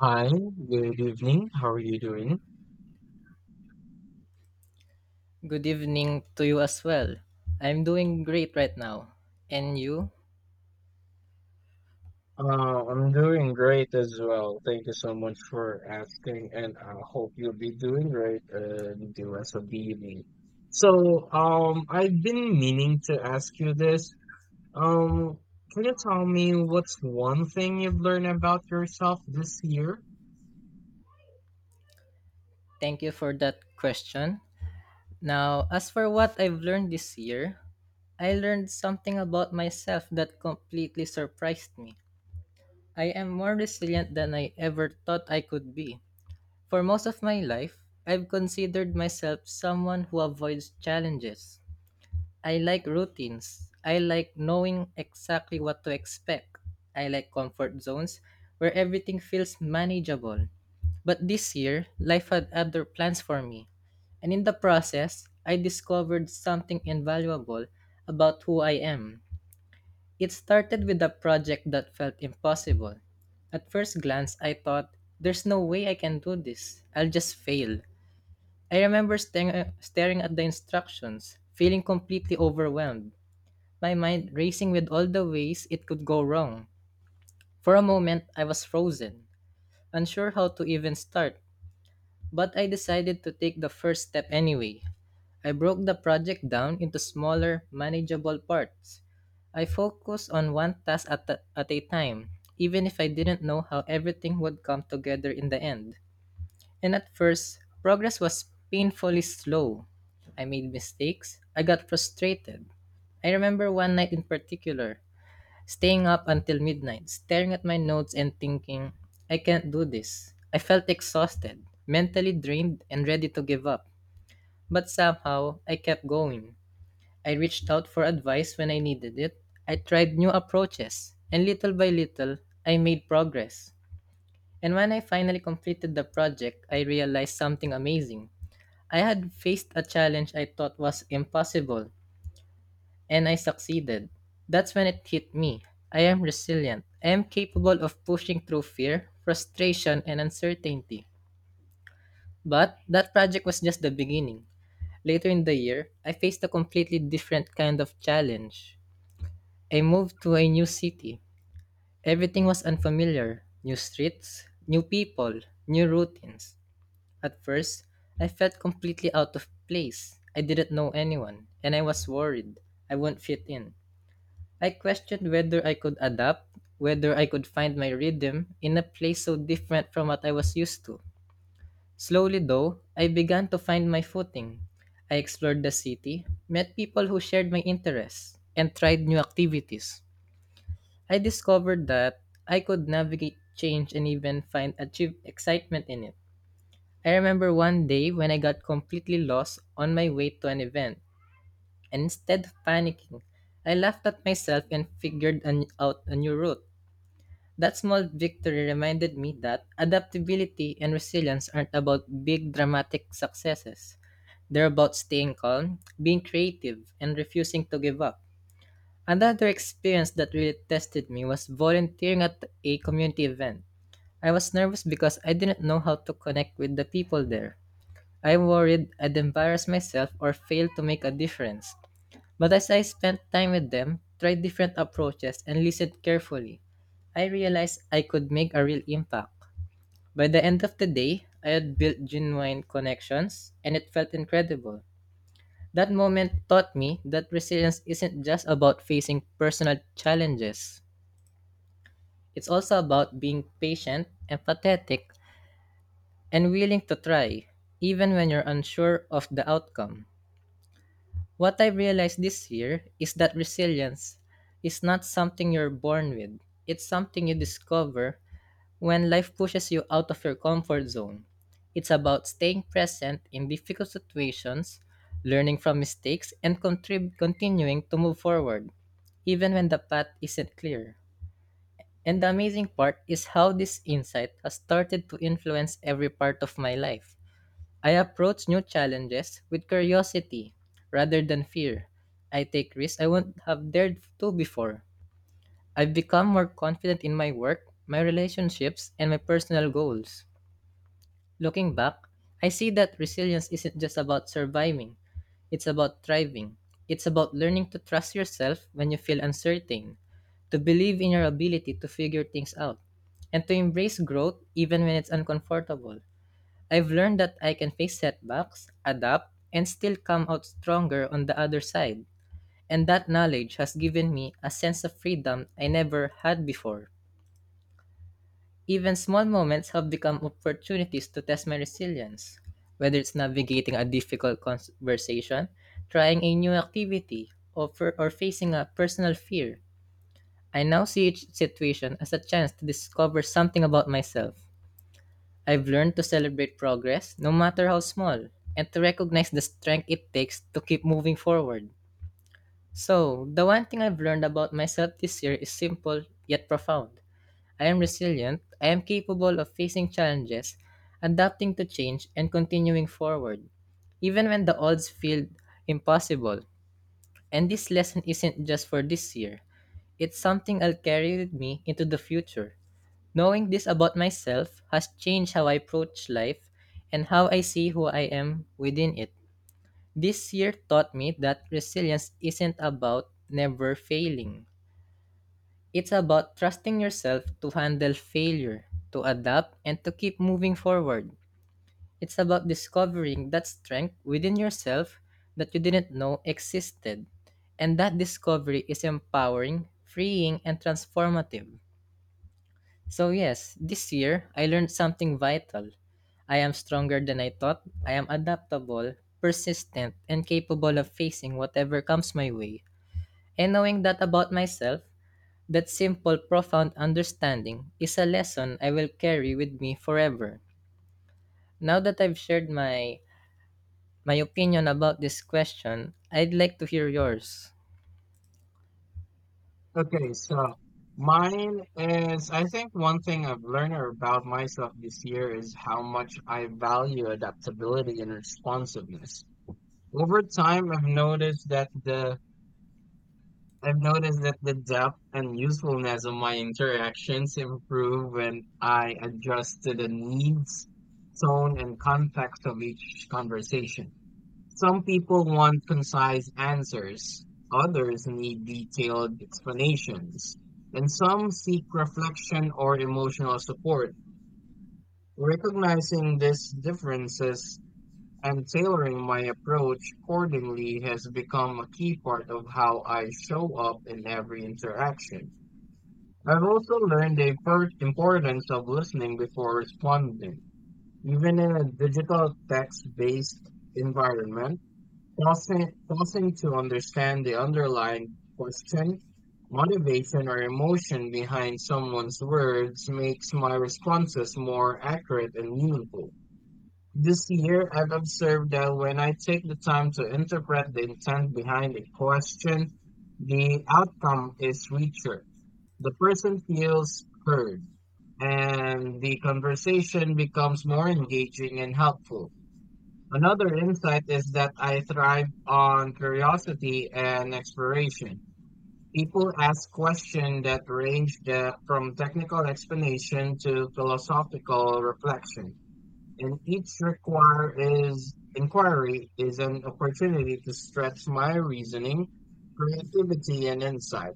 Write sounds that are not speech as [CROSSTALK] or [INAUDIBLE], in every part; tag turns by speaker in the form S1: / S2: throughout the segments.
S1: Hi, good evening. How are you doing?
S2: Good evening to you as well. I'm doing great right now. And you?
S1: I'm doing great as well. Thank you so much for asking, and I hope you'll be doing great the rest of the evening. I've been meaning to ask you this. Um, can you tell me what's one thing you've learned about yourself this year?
S2: Thank you for that question. Now, as for what I've learned this year, I learned something about myself that completely surprised me. I am more resilient than I ever thought I could be. For most of my life, I've considered myself someone who avoids challenges. I like routines. I like knowing exactly what to expect. I like comfort zones where everything feels manageable. But this year, life had other plans for me. And in the process, I discovered something invaluable about who I am. It started with a project that felt impossible. At first glance, I thought, there's no way I can do this. I'll just fail. I remember staring at the instructions, feeling completely overwhelmed, my mind racing with all the ways it could go wrong. For a moment, I was frozen, unsure how to even start, but I decided to take the first step anyway. I broke the project down into smaller, manageable parts. I focused on one task at a time, even if I didn't know how everything would come together in the end. And at first, progress was painfully slow. I made mistakes, I got frustrated. I remember one night in particular, staying up until midnight, staring at my notes and thinking, I can't do this. I felt exhausted, mentally drained, and ready to give up. But somehow, I kept going. I reached out for advice when I needed it. I tried new approaches, and little by little, I made progress. And when I finally completed the project, I realized something amazing. I had faced a challenge I thought was impossible, and I succeeded. That's when it hit me. I am resilient. I am capable of pushing through fear, frustration, and uncertainty. But that project was just the beginning. Later in the year, I faced a completely different kind of challenge. I moved to a new city. Everything was unfamiliar: new streets, new people, new routines. At first, I felt completely out of place. I didn't know anyone, and I was worried I wouldn't fit in. I questioned whether I could adapt, whether I could find my rhythm in a place so different from what I was used to. Slowly, though, I began to find my footing. I explored the city, met people who shared my interests, and tried new activities. I discovered that I could navigate change and even find achieve excitement in it. I remember one day when I got completely lost on my way to an event, and instead of panicking, I laughed at myself and figured out a new route. That small victory reminded me that adaptability and resilience aren't about big, dramatic successes. They're about staying calm, being creative, and refusing to give up. Another experience that really tested me was volunteering at a community event. I was nervous because I didn't know how to connect with the people there. I worried I'd embarrass myself or fail to make a difference. But as I spent time with them, tried different approaches, and listened carefully, I realized I could make a real impact. By the end of the day, I had built genuine connections, and it felt incredible. That moment taught me that resilience isn't just about facing personal challenges. It's also about being patient, empathetic, and willing to try, even when you're unsure of the outcome. What I've realized this year is that resilience is not something you're born with. It's something you discover when life pushes you out of your comfort zone. It's about staying present in difficult situations, learning from mistakes, and continuing to move forward, even when the path isn't clear. And the amazing part is how this insight has started to influence every part of my life. I approach new challenges with curiosity rather than fear. I take risks I wouldn't have dared to before. I've become more confident in my work, my relationships, and my personal goals. Looking back, I see that resilience isn't just about surviving, it's about thriving. It's about learning to trust yourself when you feel uncertain, to believe in your ability to figure things out, and to embrace growth even when it's uncomfortable. I've learned that I can face setbacks, adapt, and still come out stronger on the other side. And that knowledge has given me a sense of freedom I never had before. Even small moments have become opportunities to test my resilience, whether it's navigating a difficult conversation, trying a new activity, or facing a personal fear. I now see each situation as a chance to discover something about myself. I've learned to celebrate progress, no matter how small, and to recognize the strength it takes to keep moving forward. So, the one thing I've learned about myself this year is simple yet profound. I am resilient, I am capable of facing challenges, adapting to change, and continuing forward, even when the odds feel impossible. And this lesson isn't just for this year, it's something I'll carry with me into the future. Knowing this about myself has changed how I approach life and how I see who I am within it. This year taught me that resilience isn't about never failing. It's about trusting yourself to handle failure, to adapt, and to keep moving forward. It's about discovering that strength within yourself that you didn't know existed. And that discovery is empowering, freeing, and transformative. So, yes, this year I learned something vital. I am stronger than I thought. I am adaptable, persistent, and capable of facing whatever comes my way. And knowing that about myself, that simple, profound understanding is a lesson I will carry with me forever. Now that I've shared my opinion about this question, I'd like to hear yours.
S1: Okay, so mine is, I think one thing I've learned about myself this year is how much I value adaptability and responsiveness. Over time, I've noticed that the depth and usefulness of my interactions improve when I adjust to the needs, tone, and context of each conversation. Some people want concise answers, others need detailed explanations, and some seek reflection or emotional support. Recognizing these differences and tailoring my approach accordingly has become a key part of how I show up in every interaction. I've also learned the importance of listening before responding. Even in a digital text based environment, pausing to understand the underlying question, motivation, or emotion behind someone's words makes my responses more accurate and meaningful. This year, I've observed that when I take the time to interpret the intent behind a question, the outcome is richer. The person feels heard, and the conversation becomes more engaging and helpful. Another insight is that I thrive on curiosity and exploration. People ask questions that from technical explanation to philosophical reflection and each require is inquiry is an opportunity to stretch my reasoning, creativity, and insight.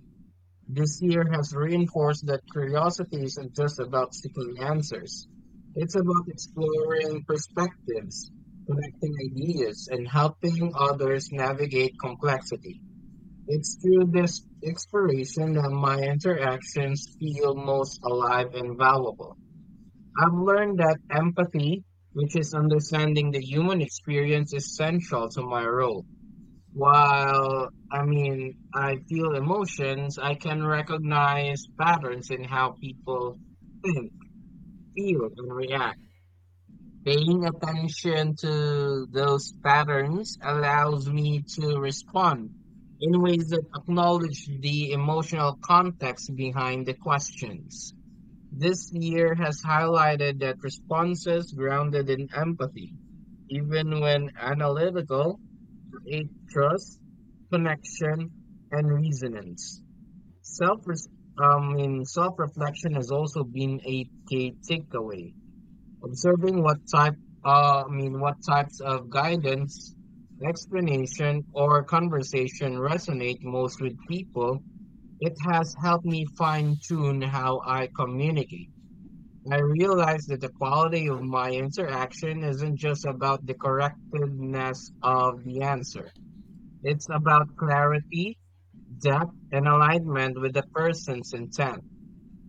S1: This year has reinforced that curiosity isn't just about seeking answers. It's about exploring perspectives, connecting ideas, and helping others navigate complexity. It's through this exploration that my interactions feel most alive and valuable. I've learned that empathy, which is understanding the human experience, is central to my role. While I feel emotions, I can recognize patterns in how people think, feel, and react. Paying attention to those patterns allows me to respond in ways that acknowledge the emotional context behind the questions. This year has highlighted that responses grounded in empathy, even when analytical, create trust, connection, and resonance. Self, Self-reflection has also been a key takeaway. Observing what types of guidance, explanation, or conversation resonate most with people. It has helped me fine-tune how I communicate. I realize that the quality of my interaction isn't just about the correctness of the answer. It's about clarity, depth, and alignment with the person's intent.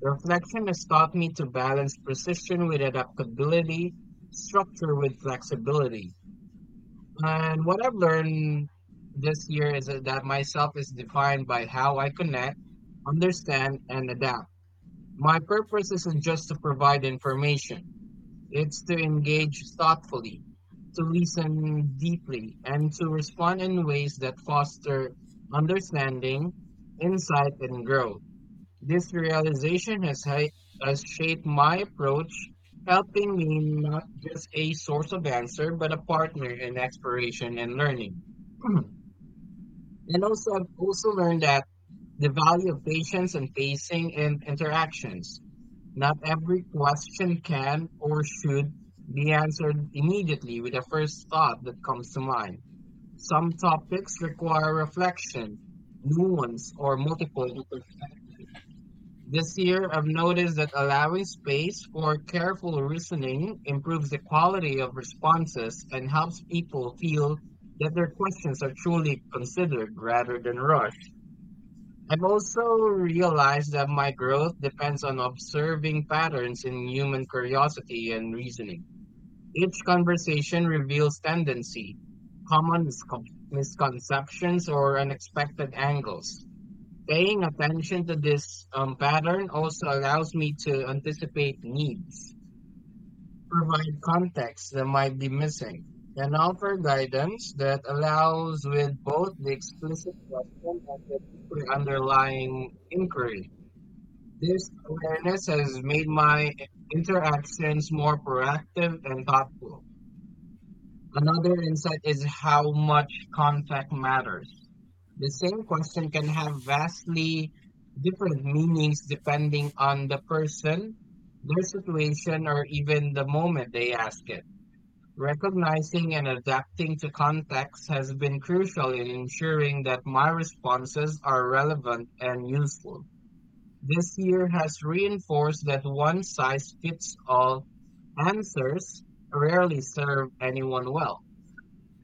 S1: Reflection has taught me to balance precision with adaptability, structure with flexibility. And what I've learned this year is that myself is defined by how I connect, understand, and adapt. My purpose isn't just to provide information. It's to engage thoughtfully, to listen deeply, and to respond in ways that foster understanding, insight, and growth. This has shaped my approach, helping me not just a source of answer, but a partner in exploration and learning. [CLEARS THROAT] and I've also learned that the value of patience and pacing in interactions not every question can or should be answered immediately with the first thought that comes to mind. Some topics require reflection, nuance, or multiple perspectives. This year, I've noticed that allowing space for careful reasoning improves the quality of responses and helps people feel that their questions are truly considered rather than rushed. I've also realized that my growth depends on observing patterns in human curiosity and reasoning. Each conversation reveals tendency, common miscon- misconceptions, or unexpected angles. Paying attention to this pattern also allows me to anticipate needs, provide context that might be missing, and offer guidance that allows with both the explicit question and the deeper underlying inquiry. This awareness has made my interactions more proactive and thoughtful. Another insight is how much context matters. The same question can have vastly different meanings depending on the person, their situation, or even the moment they ask it. Recognizing and adapting to context has been crucial in ensuring that my responses are relevant and useful. This year has reinforced that one size fits all answers rarely serve anyone well.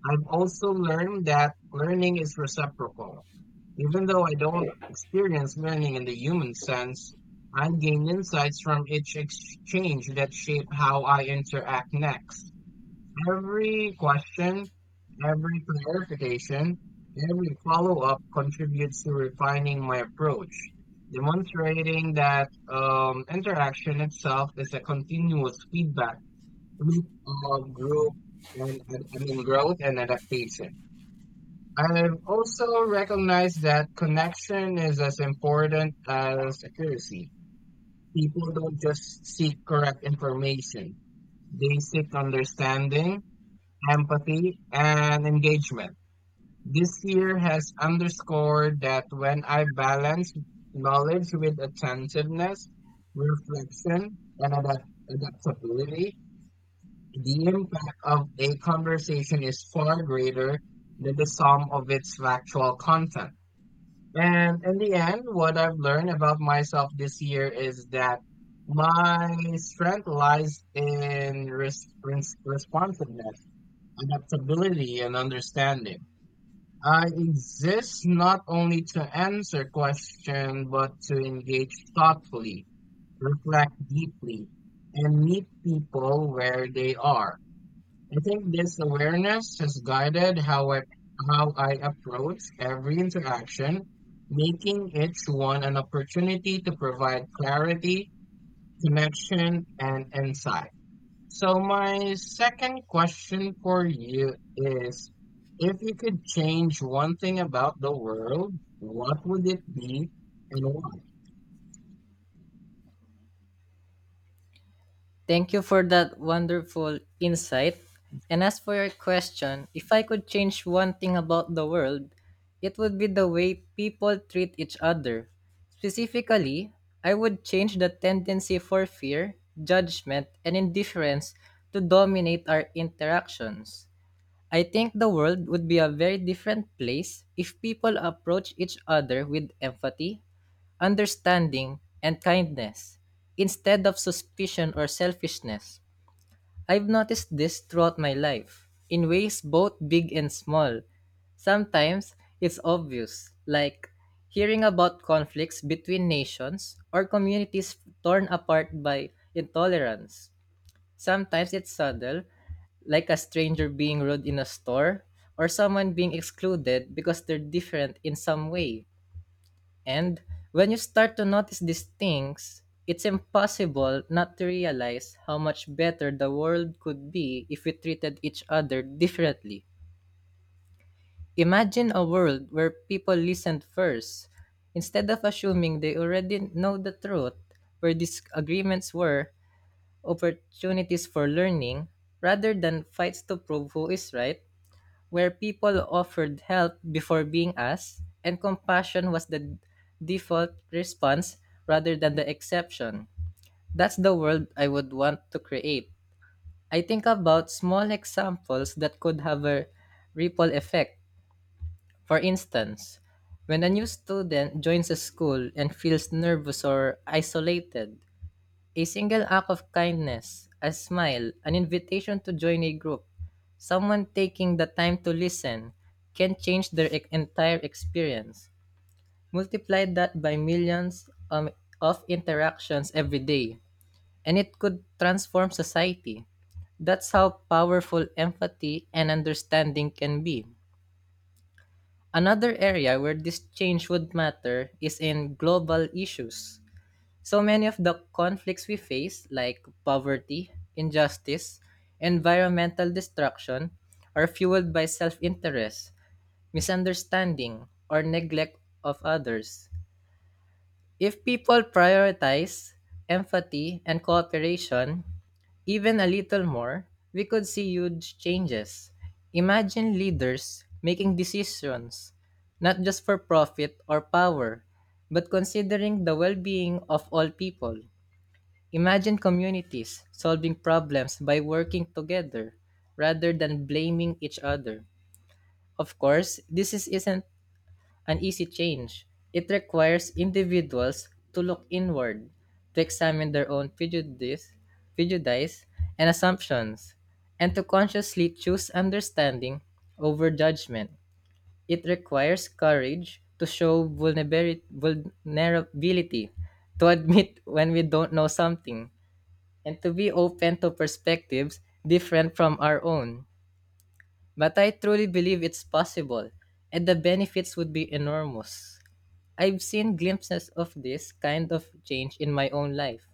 S1: I've also learned that learning is reciprocal. Even though I don't experience learning in the human sense, I gain insights from each exchange that shape how I interact next. Every question, every clarification, every follow up contributes to refining my approach, demonstrating that interaction itself is a continuous feedback loop of growth and adaptation. I've also recognized that connection is as important as accuracy. People don't just seek correct information; they seek understanding empathy, and engagement. This year has underscored that when I balance knowledge with attentiveness, reflection, and adaptability, the impact of a conversation is far greater than the sum of its factual content. And in the end, what I've learned about myself this year is that my strength lies in responsiveness adaptability and understanding. I exist not only to answer questions, but to engage thoughtfully, reflect deeply, and meet people where they are. I think this awareness has guided how I approach every interaction, making each one an opportunity to provide clarity, connection, and insight. So my second question for you is, if you could change one thing about the world, what would it be and why?
S2: Thank you for that wonderful insight. And as for your question, if I could change one thing about the world, it would be the way people treat each other. Specifically, I would change the tendency for fear, judgment, and indifference to dominate our interactions. I think the world would be a very different place if people approach each other with empathy, understanding, and kindness instead of suspicion or selfishness. I've noticed this throughout my life in ways both big and small. Sometimes it's obvious, like hearing about conflicts between nations or communities torn apart by intolerance. Sometimes it's subtle, like a stranger being rude in a store or someone being excluded because they're different in some way. And when you start to notice these things, it's impossible not to realize how much better the world could be if we treated each other differently. Imagine a world where people listened first, instead of assuming they already know the truth, where disagreements were opportunities for learning rather than fights to prove who is right, where people offered help before being asked, and compassion was the default response rather than the exception. That's the world I would want to create. I think about small examples that could have a ripple effect. For instance, when a new student joins a school and feels nervous or isolated, a single act of kindness, a smile, an invitation to join a group, someone taking the time to listen can change their entire experience. Multiply that by millions of interactions every day, and it could transform society. That's how powerful empathy and understanding can be. Another area where this change would matter is in global issues. So many of the conflicts we face, like poverty, injustice, environmental destruction, are fueled by self interest, misunderstanding, or neglect of others. If people prioritize empathy and cooperation, even a little more, we could see huge changes. Imagine leaders making decisions not just for profit or power, but considering the well being of all people. Imagine communities solving problems by working together rather than blaming each other. Of course, this isn't an easy change. It requires individuals to look inward, to examine their own prejudice and assumptions, and to consciously choose understanding over judgment. It requires courage to show vulnerability, to admit when we don't know something, and to be open to perspectives different from our own. But I truly believe it's possible, and the benefits would be enormous. I've seen glimpses of this kind of change in my own life.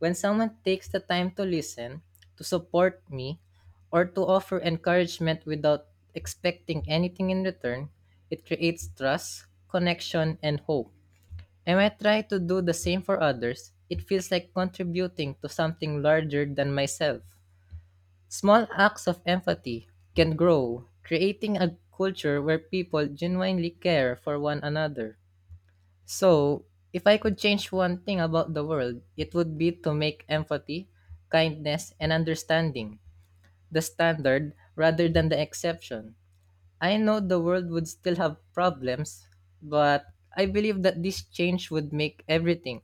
S2: When someone takes the time to listen, to support me, or to offer encouragement without expecting anything in return, it creates trust, connection, and hope. And when I try to do the same for others, it feels like contributing to something larger than myself. Small acts of empathy can grow, creating a culture where people genuinely care for one another. So, if I could change one thing about the world, it would be to make empathy, kindness, and understanding the standard rather than the exception. I know the world would still have problems, but I believe that this change would make everything,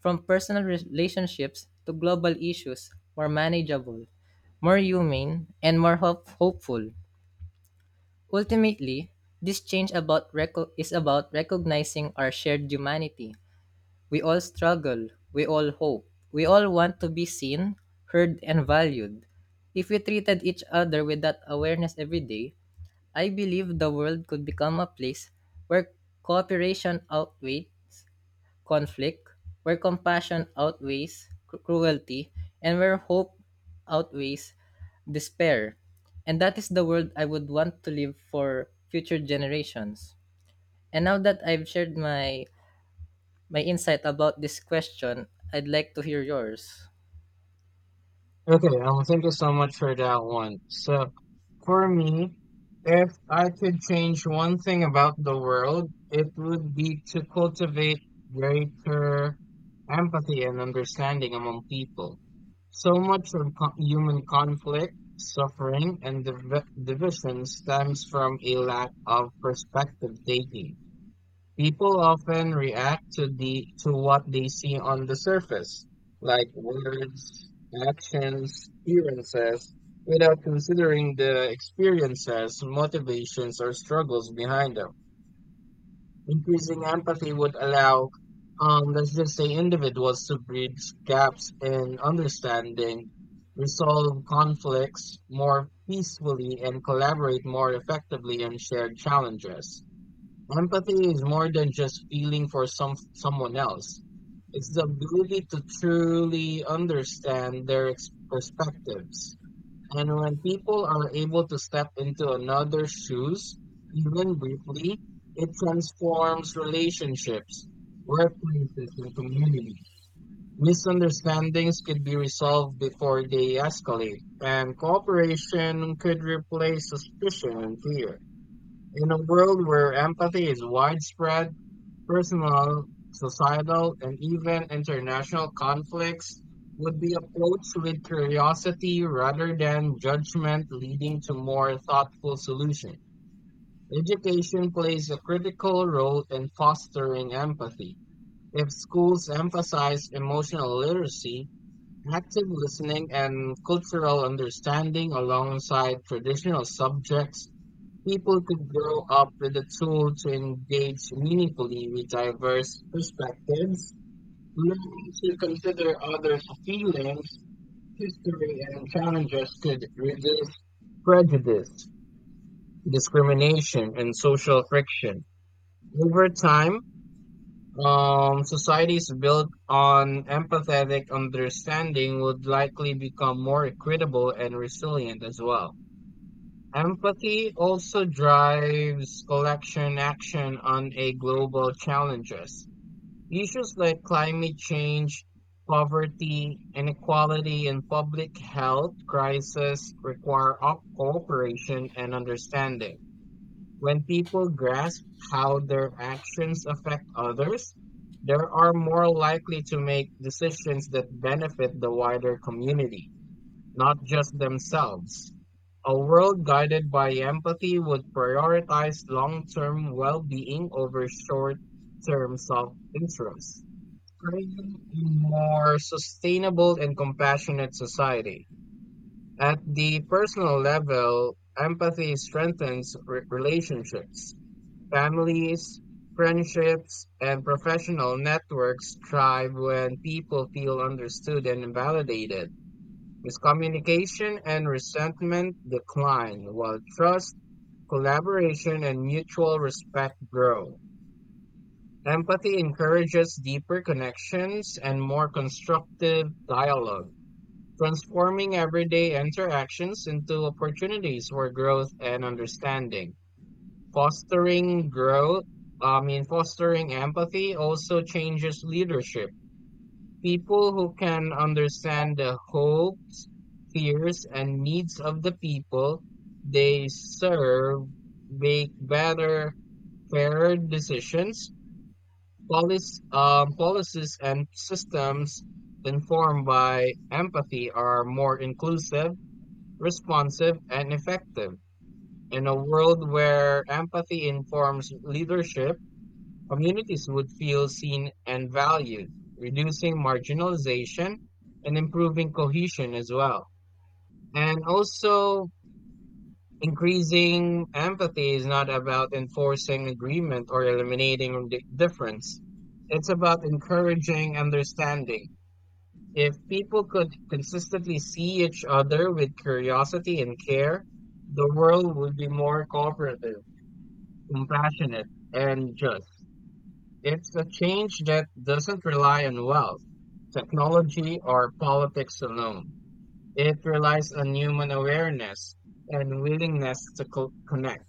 S2: from personal relationships to global issues, more manageable, more humane, and more hopeful. Ultimately, this change is about recognizing our shared humanity. We all struggle, we all hope, we all want to be seen, heard, and valued. If we treated each other with that awareness every day, I believe the world could become a place where cooperation outweighs conflict, where compassion outweighs cruelty, and where hope outweighs despair. And that is the world I would want to live for future generations. And now that I've shared my insight about this question, I'd like to hear yours.
S1: Okay, well, thank you so much for that one. So for me, if I could change one thing about the world, it would be to cultivate greater empathy and understanding among people. So much of human conflict, suffering, and division stems from a lack of perspective taking. People often react to the to what they see on the surface, like words, actions, appearances, without considering the experiences, motivations, or struggles behind them. Increasing empathy would allow, let's just say, individuals to bridge gaps in understanding, resolve conflicts more peacefully, and collaborate more effectively on shared challenges. Empathy is more than just feeling for someone else. It's the ability to truly understand their perspectives, and when people are able to step into another's shoes, even briefly, it transforms relationships, workplaces, and communities. Misunderstandings could be resolved before they escalate, and cooperation could replace suspicion and fear. In a world where empathy is widespread, personal, societal, and even international conflicts would be approached with curiosity rather than judgment, leading to more thoughtful solutions. Education plays a critical role in fostering empathy. If schools emphasize emotional literacy, active listening, and cultural understanding alongside traditional subjects, people could grow up with the tool to engage meaningfully with diverse perspectives, learning to consider others' feelings, history, and challenges could reduce prejudice, discrimination, and social friction. Over time, societies built on empathetic understanding would likely become more equitable and resilient as well. Empathy also drives collection action on a global challenges. Issues like climate change, poverty, inequality, and public health crisis require cooperation and understanding. When people grasp how their actions affect others, they are more likely to make decisions that benefit the wider community not just themselves. A world guided by empathy would prioritize long term well being over short term self interest, creating a more sustainable and compassionate society. At the personal level, empathy strengthens relationships. Families, friendships, and professional networks thrive when people feel understood and validated. Miscommunication and resentment decline, while trust, collaboration, and mutual respect grow. Empathy encourages deeper connections and more constructive dialogue, transforming everyday interactions into opportunities for growth and understanding. Fostering growth, I mean, Fostering empathy also changes leadership. People who can understand the hopes, fears, and needs of the people they serve make better, fairer decisions. Policies, and systems informed by empathy are more inclusive, responsive, and effective. In a world where empathy informs leadership, communities would feel seen and valued, reducing marginalization and improving cohesion as well. And also, increasing empathy is not about enforcing agreement or eliminating difference. It's about encouraging understanding. If people could consistently see each other with curiosity and care, the world would be more cooperative, compassionate, and just. It's a change that doesn't rely on wealth, technology, or politics alone. It relies on human awareness and willingness to connect.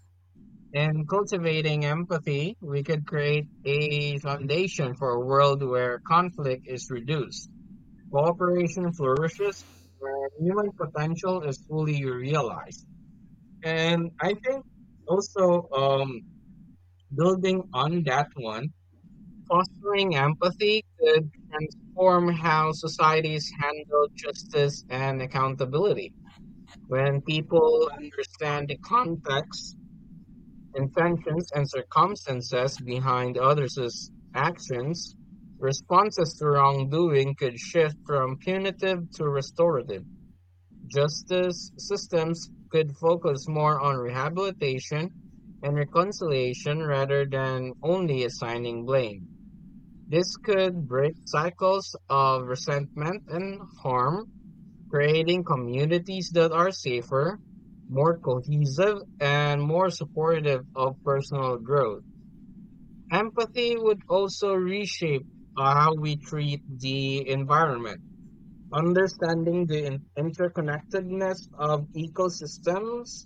S1: In cultivating empathy, we could create a foundation for a world where conflict is reduced, cooperation flourishes, and human potential is fully realized. And I think also building on that one, fostering empathy could transform how societies handle justice and accountability. When people understand the context, intentions, and circumstances behind others' actions, responses to wrongdoing could shift from punitive to restorative. Justice systems could focus more on rehabilitation and reconciliation rather than only assigning blame. This could break cycles of resentment and harm, creating communities that are safer, more cohesive, and more supportive of personal growth. Empathy would also reshape how we treat the environment understanding the interconnectedness of ecosystems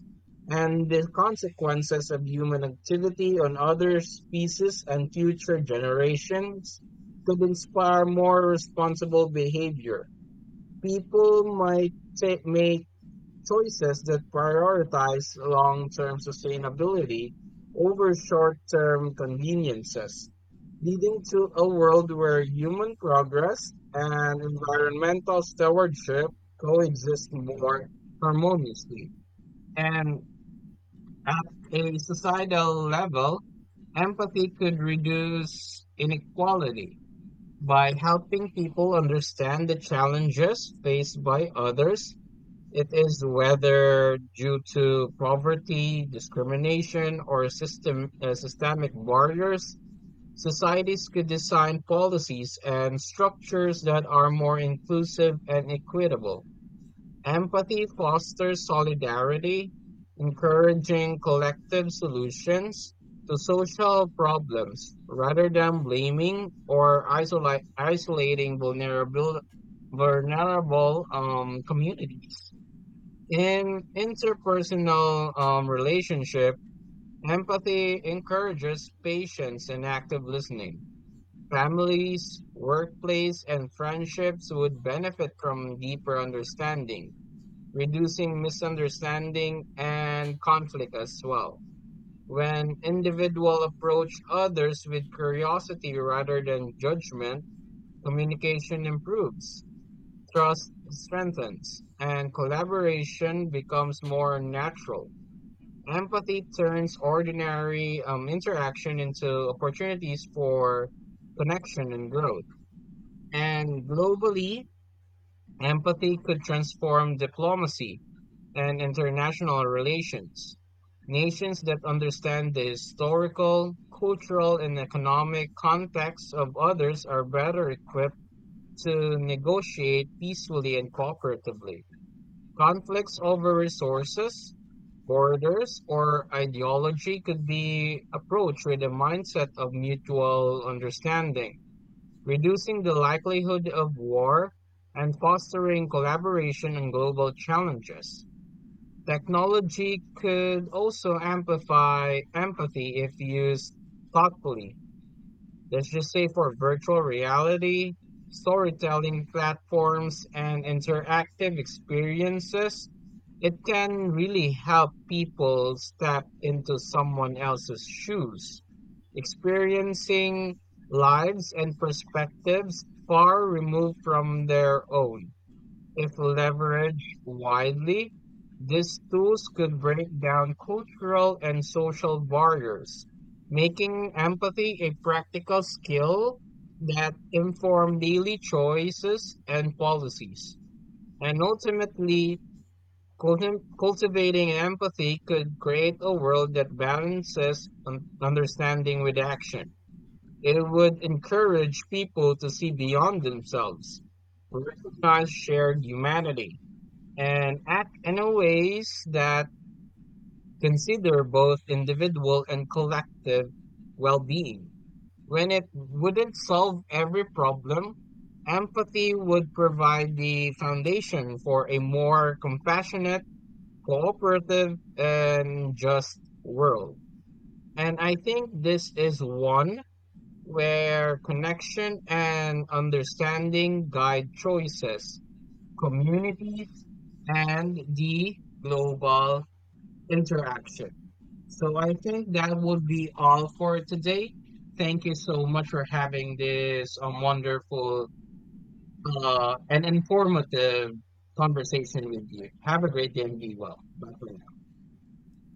S1: and the consequences of human activity on other species and future generations could inspire more responsible behavior. People might may choices that prioritize long-term sustainability over short-term conveniences, leading to a world where human progress and environmental stewardship coexist more harmoniously. And at a societal level, empathy could reduce inequality by helping people understand the challenges faced by others it is whether due to poverty, discrimination, or systemic barriers, societies could design policies and structures that are more inclusive and equitable. Empathy fosters solidarity, encouraging collective solutions to social problems rather than blaming or isolating vulnerable communities. In interpersonal relationship, empathy encourages patience and active listening. Families, workplace, and friendships would benefit from deeper understanding, reducing misunderstanding and conflict as well. When individual approach others with curiosity rather than judgment, communication improves, trust strengthens, and collaboration becomes more natural. Empathy turns ordinary interaction into opportunities for connection and growth. And globally, empathy could transform diplomacy and international relations. Nations that understand the historical, cultural, and economic context of others are better equipped to negotiate peacefully and cooperatively. Conflicts over resources, borders, or ideology could be approached with a mindset of mutual understanding, reducing the likelihood of war and fostering collaboration on global challenges. Technology could also amplify empathy if used thoughtfully. Let's just say for virtual reality, storytelling platforms, and interactive experiences, it can really help people step into someone else's shoes, experiencing lives and perspectives far removed from their own. If leveraged widely, these tools could break down cultural and social barriers, making empathy a practical skill that inform daily choices and policies. And ultimately, cultivating empathy could create a world that balances understanding with action. It would encourage people to see beyond themselves, recognize shared humanity and act in a ways that consider both individual and collective well-being. When it wouldn't solve every problem, empathy would provide the foundation for a more compassionate, cooperative, and just world. And I think this is one where connection and understanding guide choices, communities, and the global interaction. So I think that would be all for today. Thank you so much for having this wonderful and informative conversation with you. Have a great day and be well. Bye for now.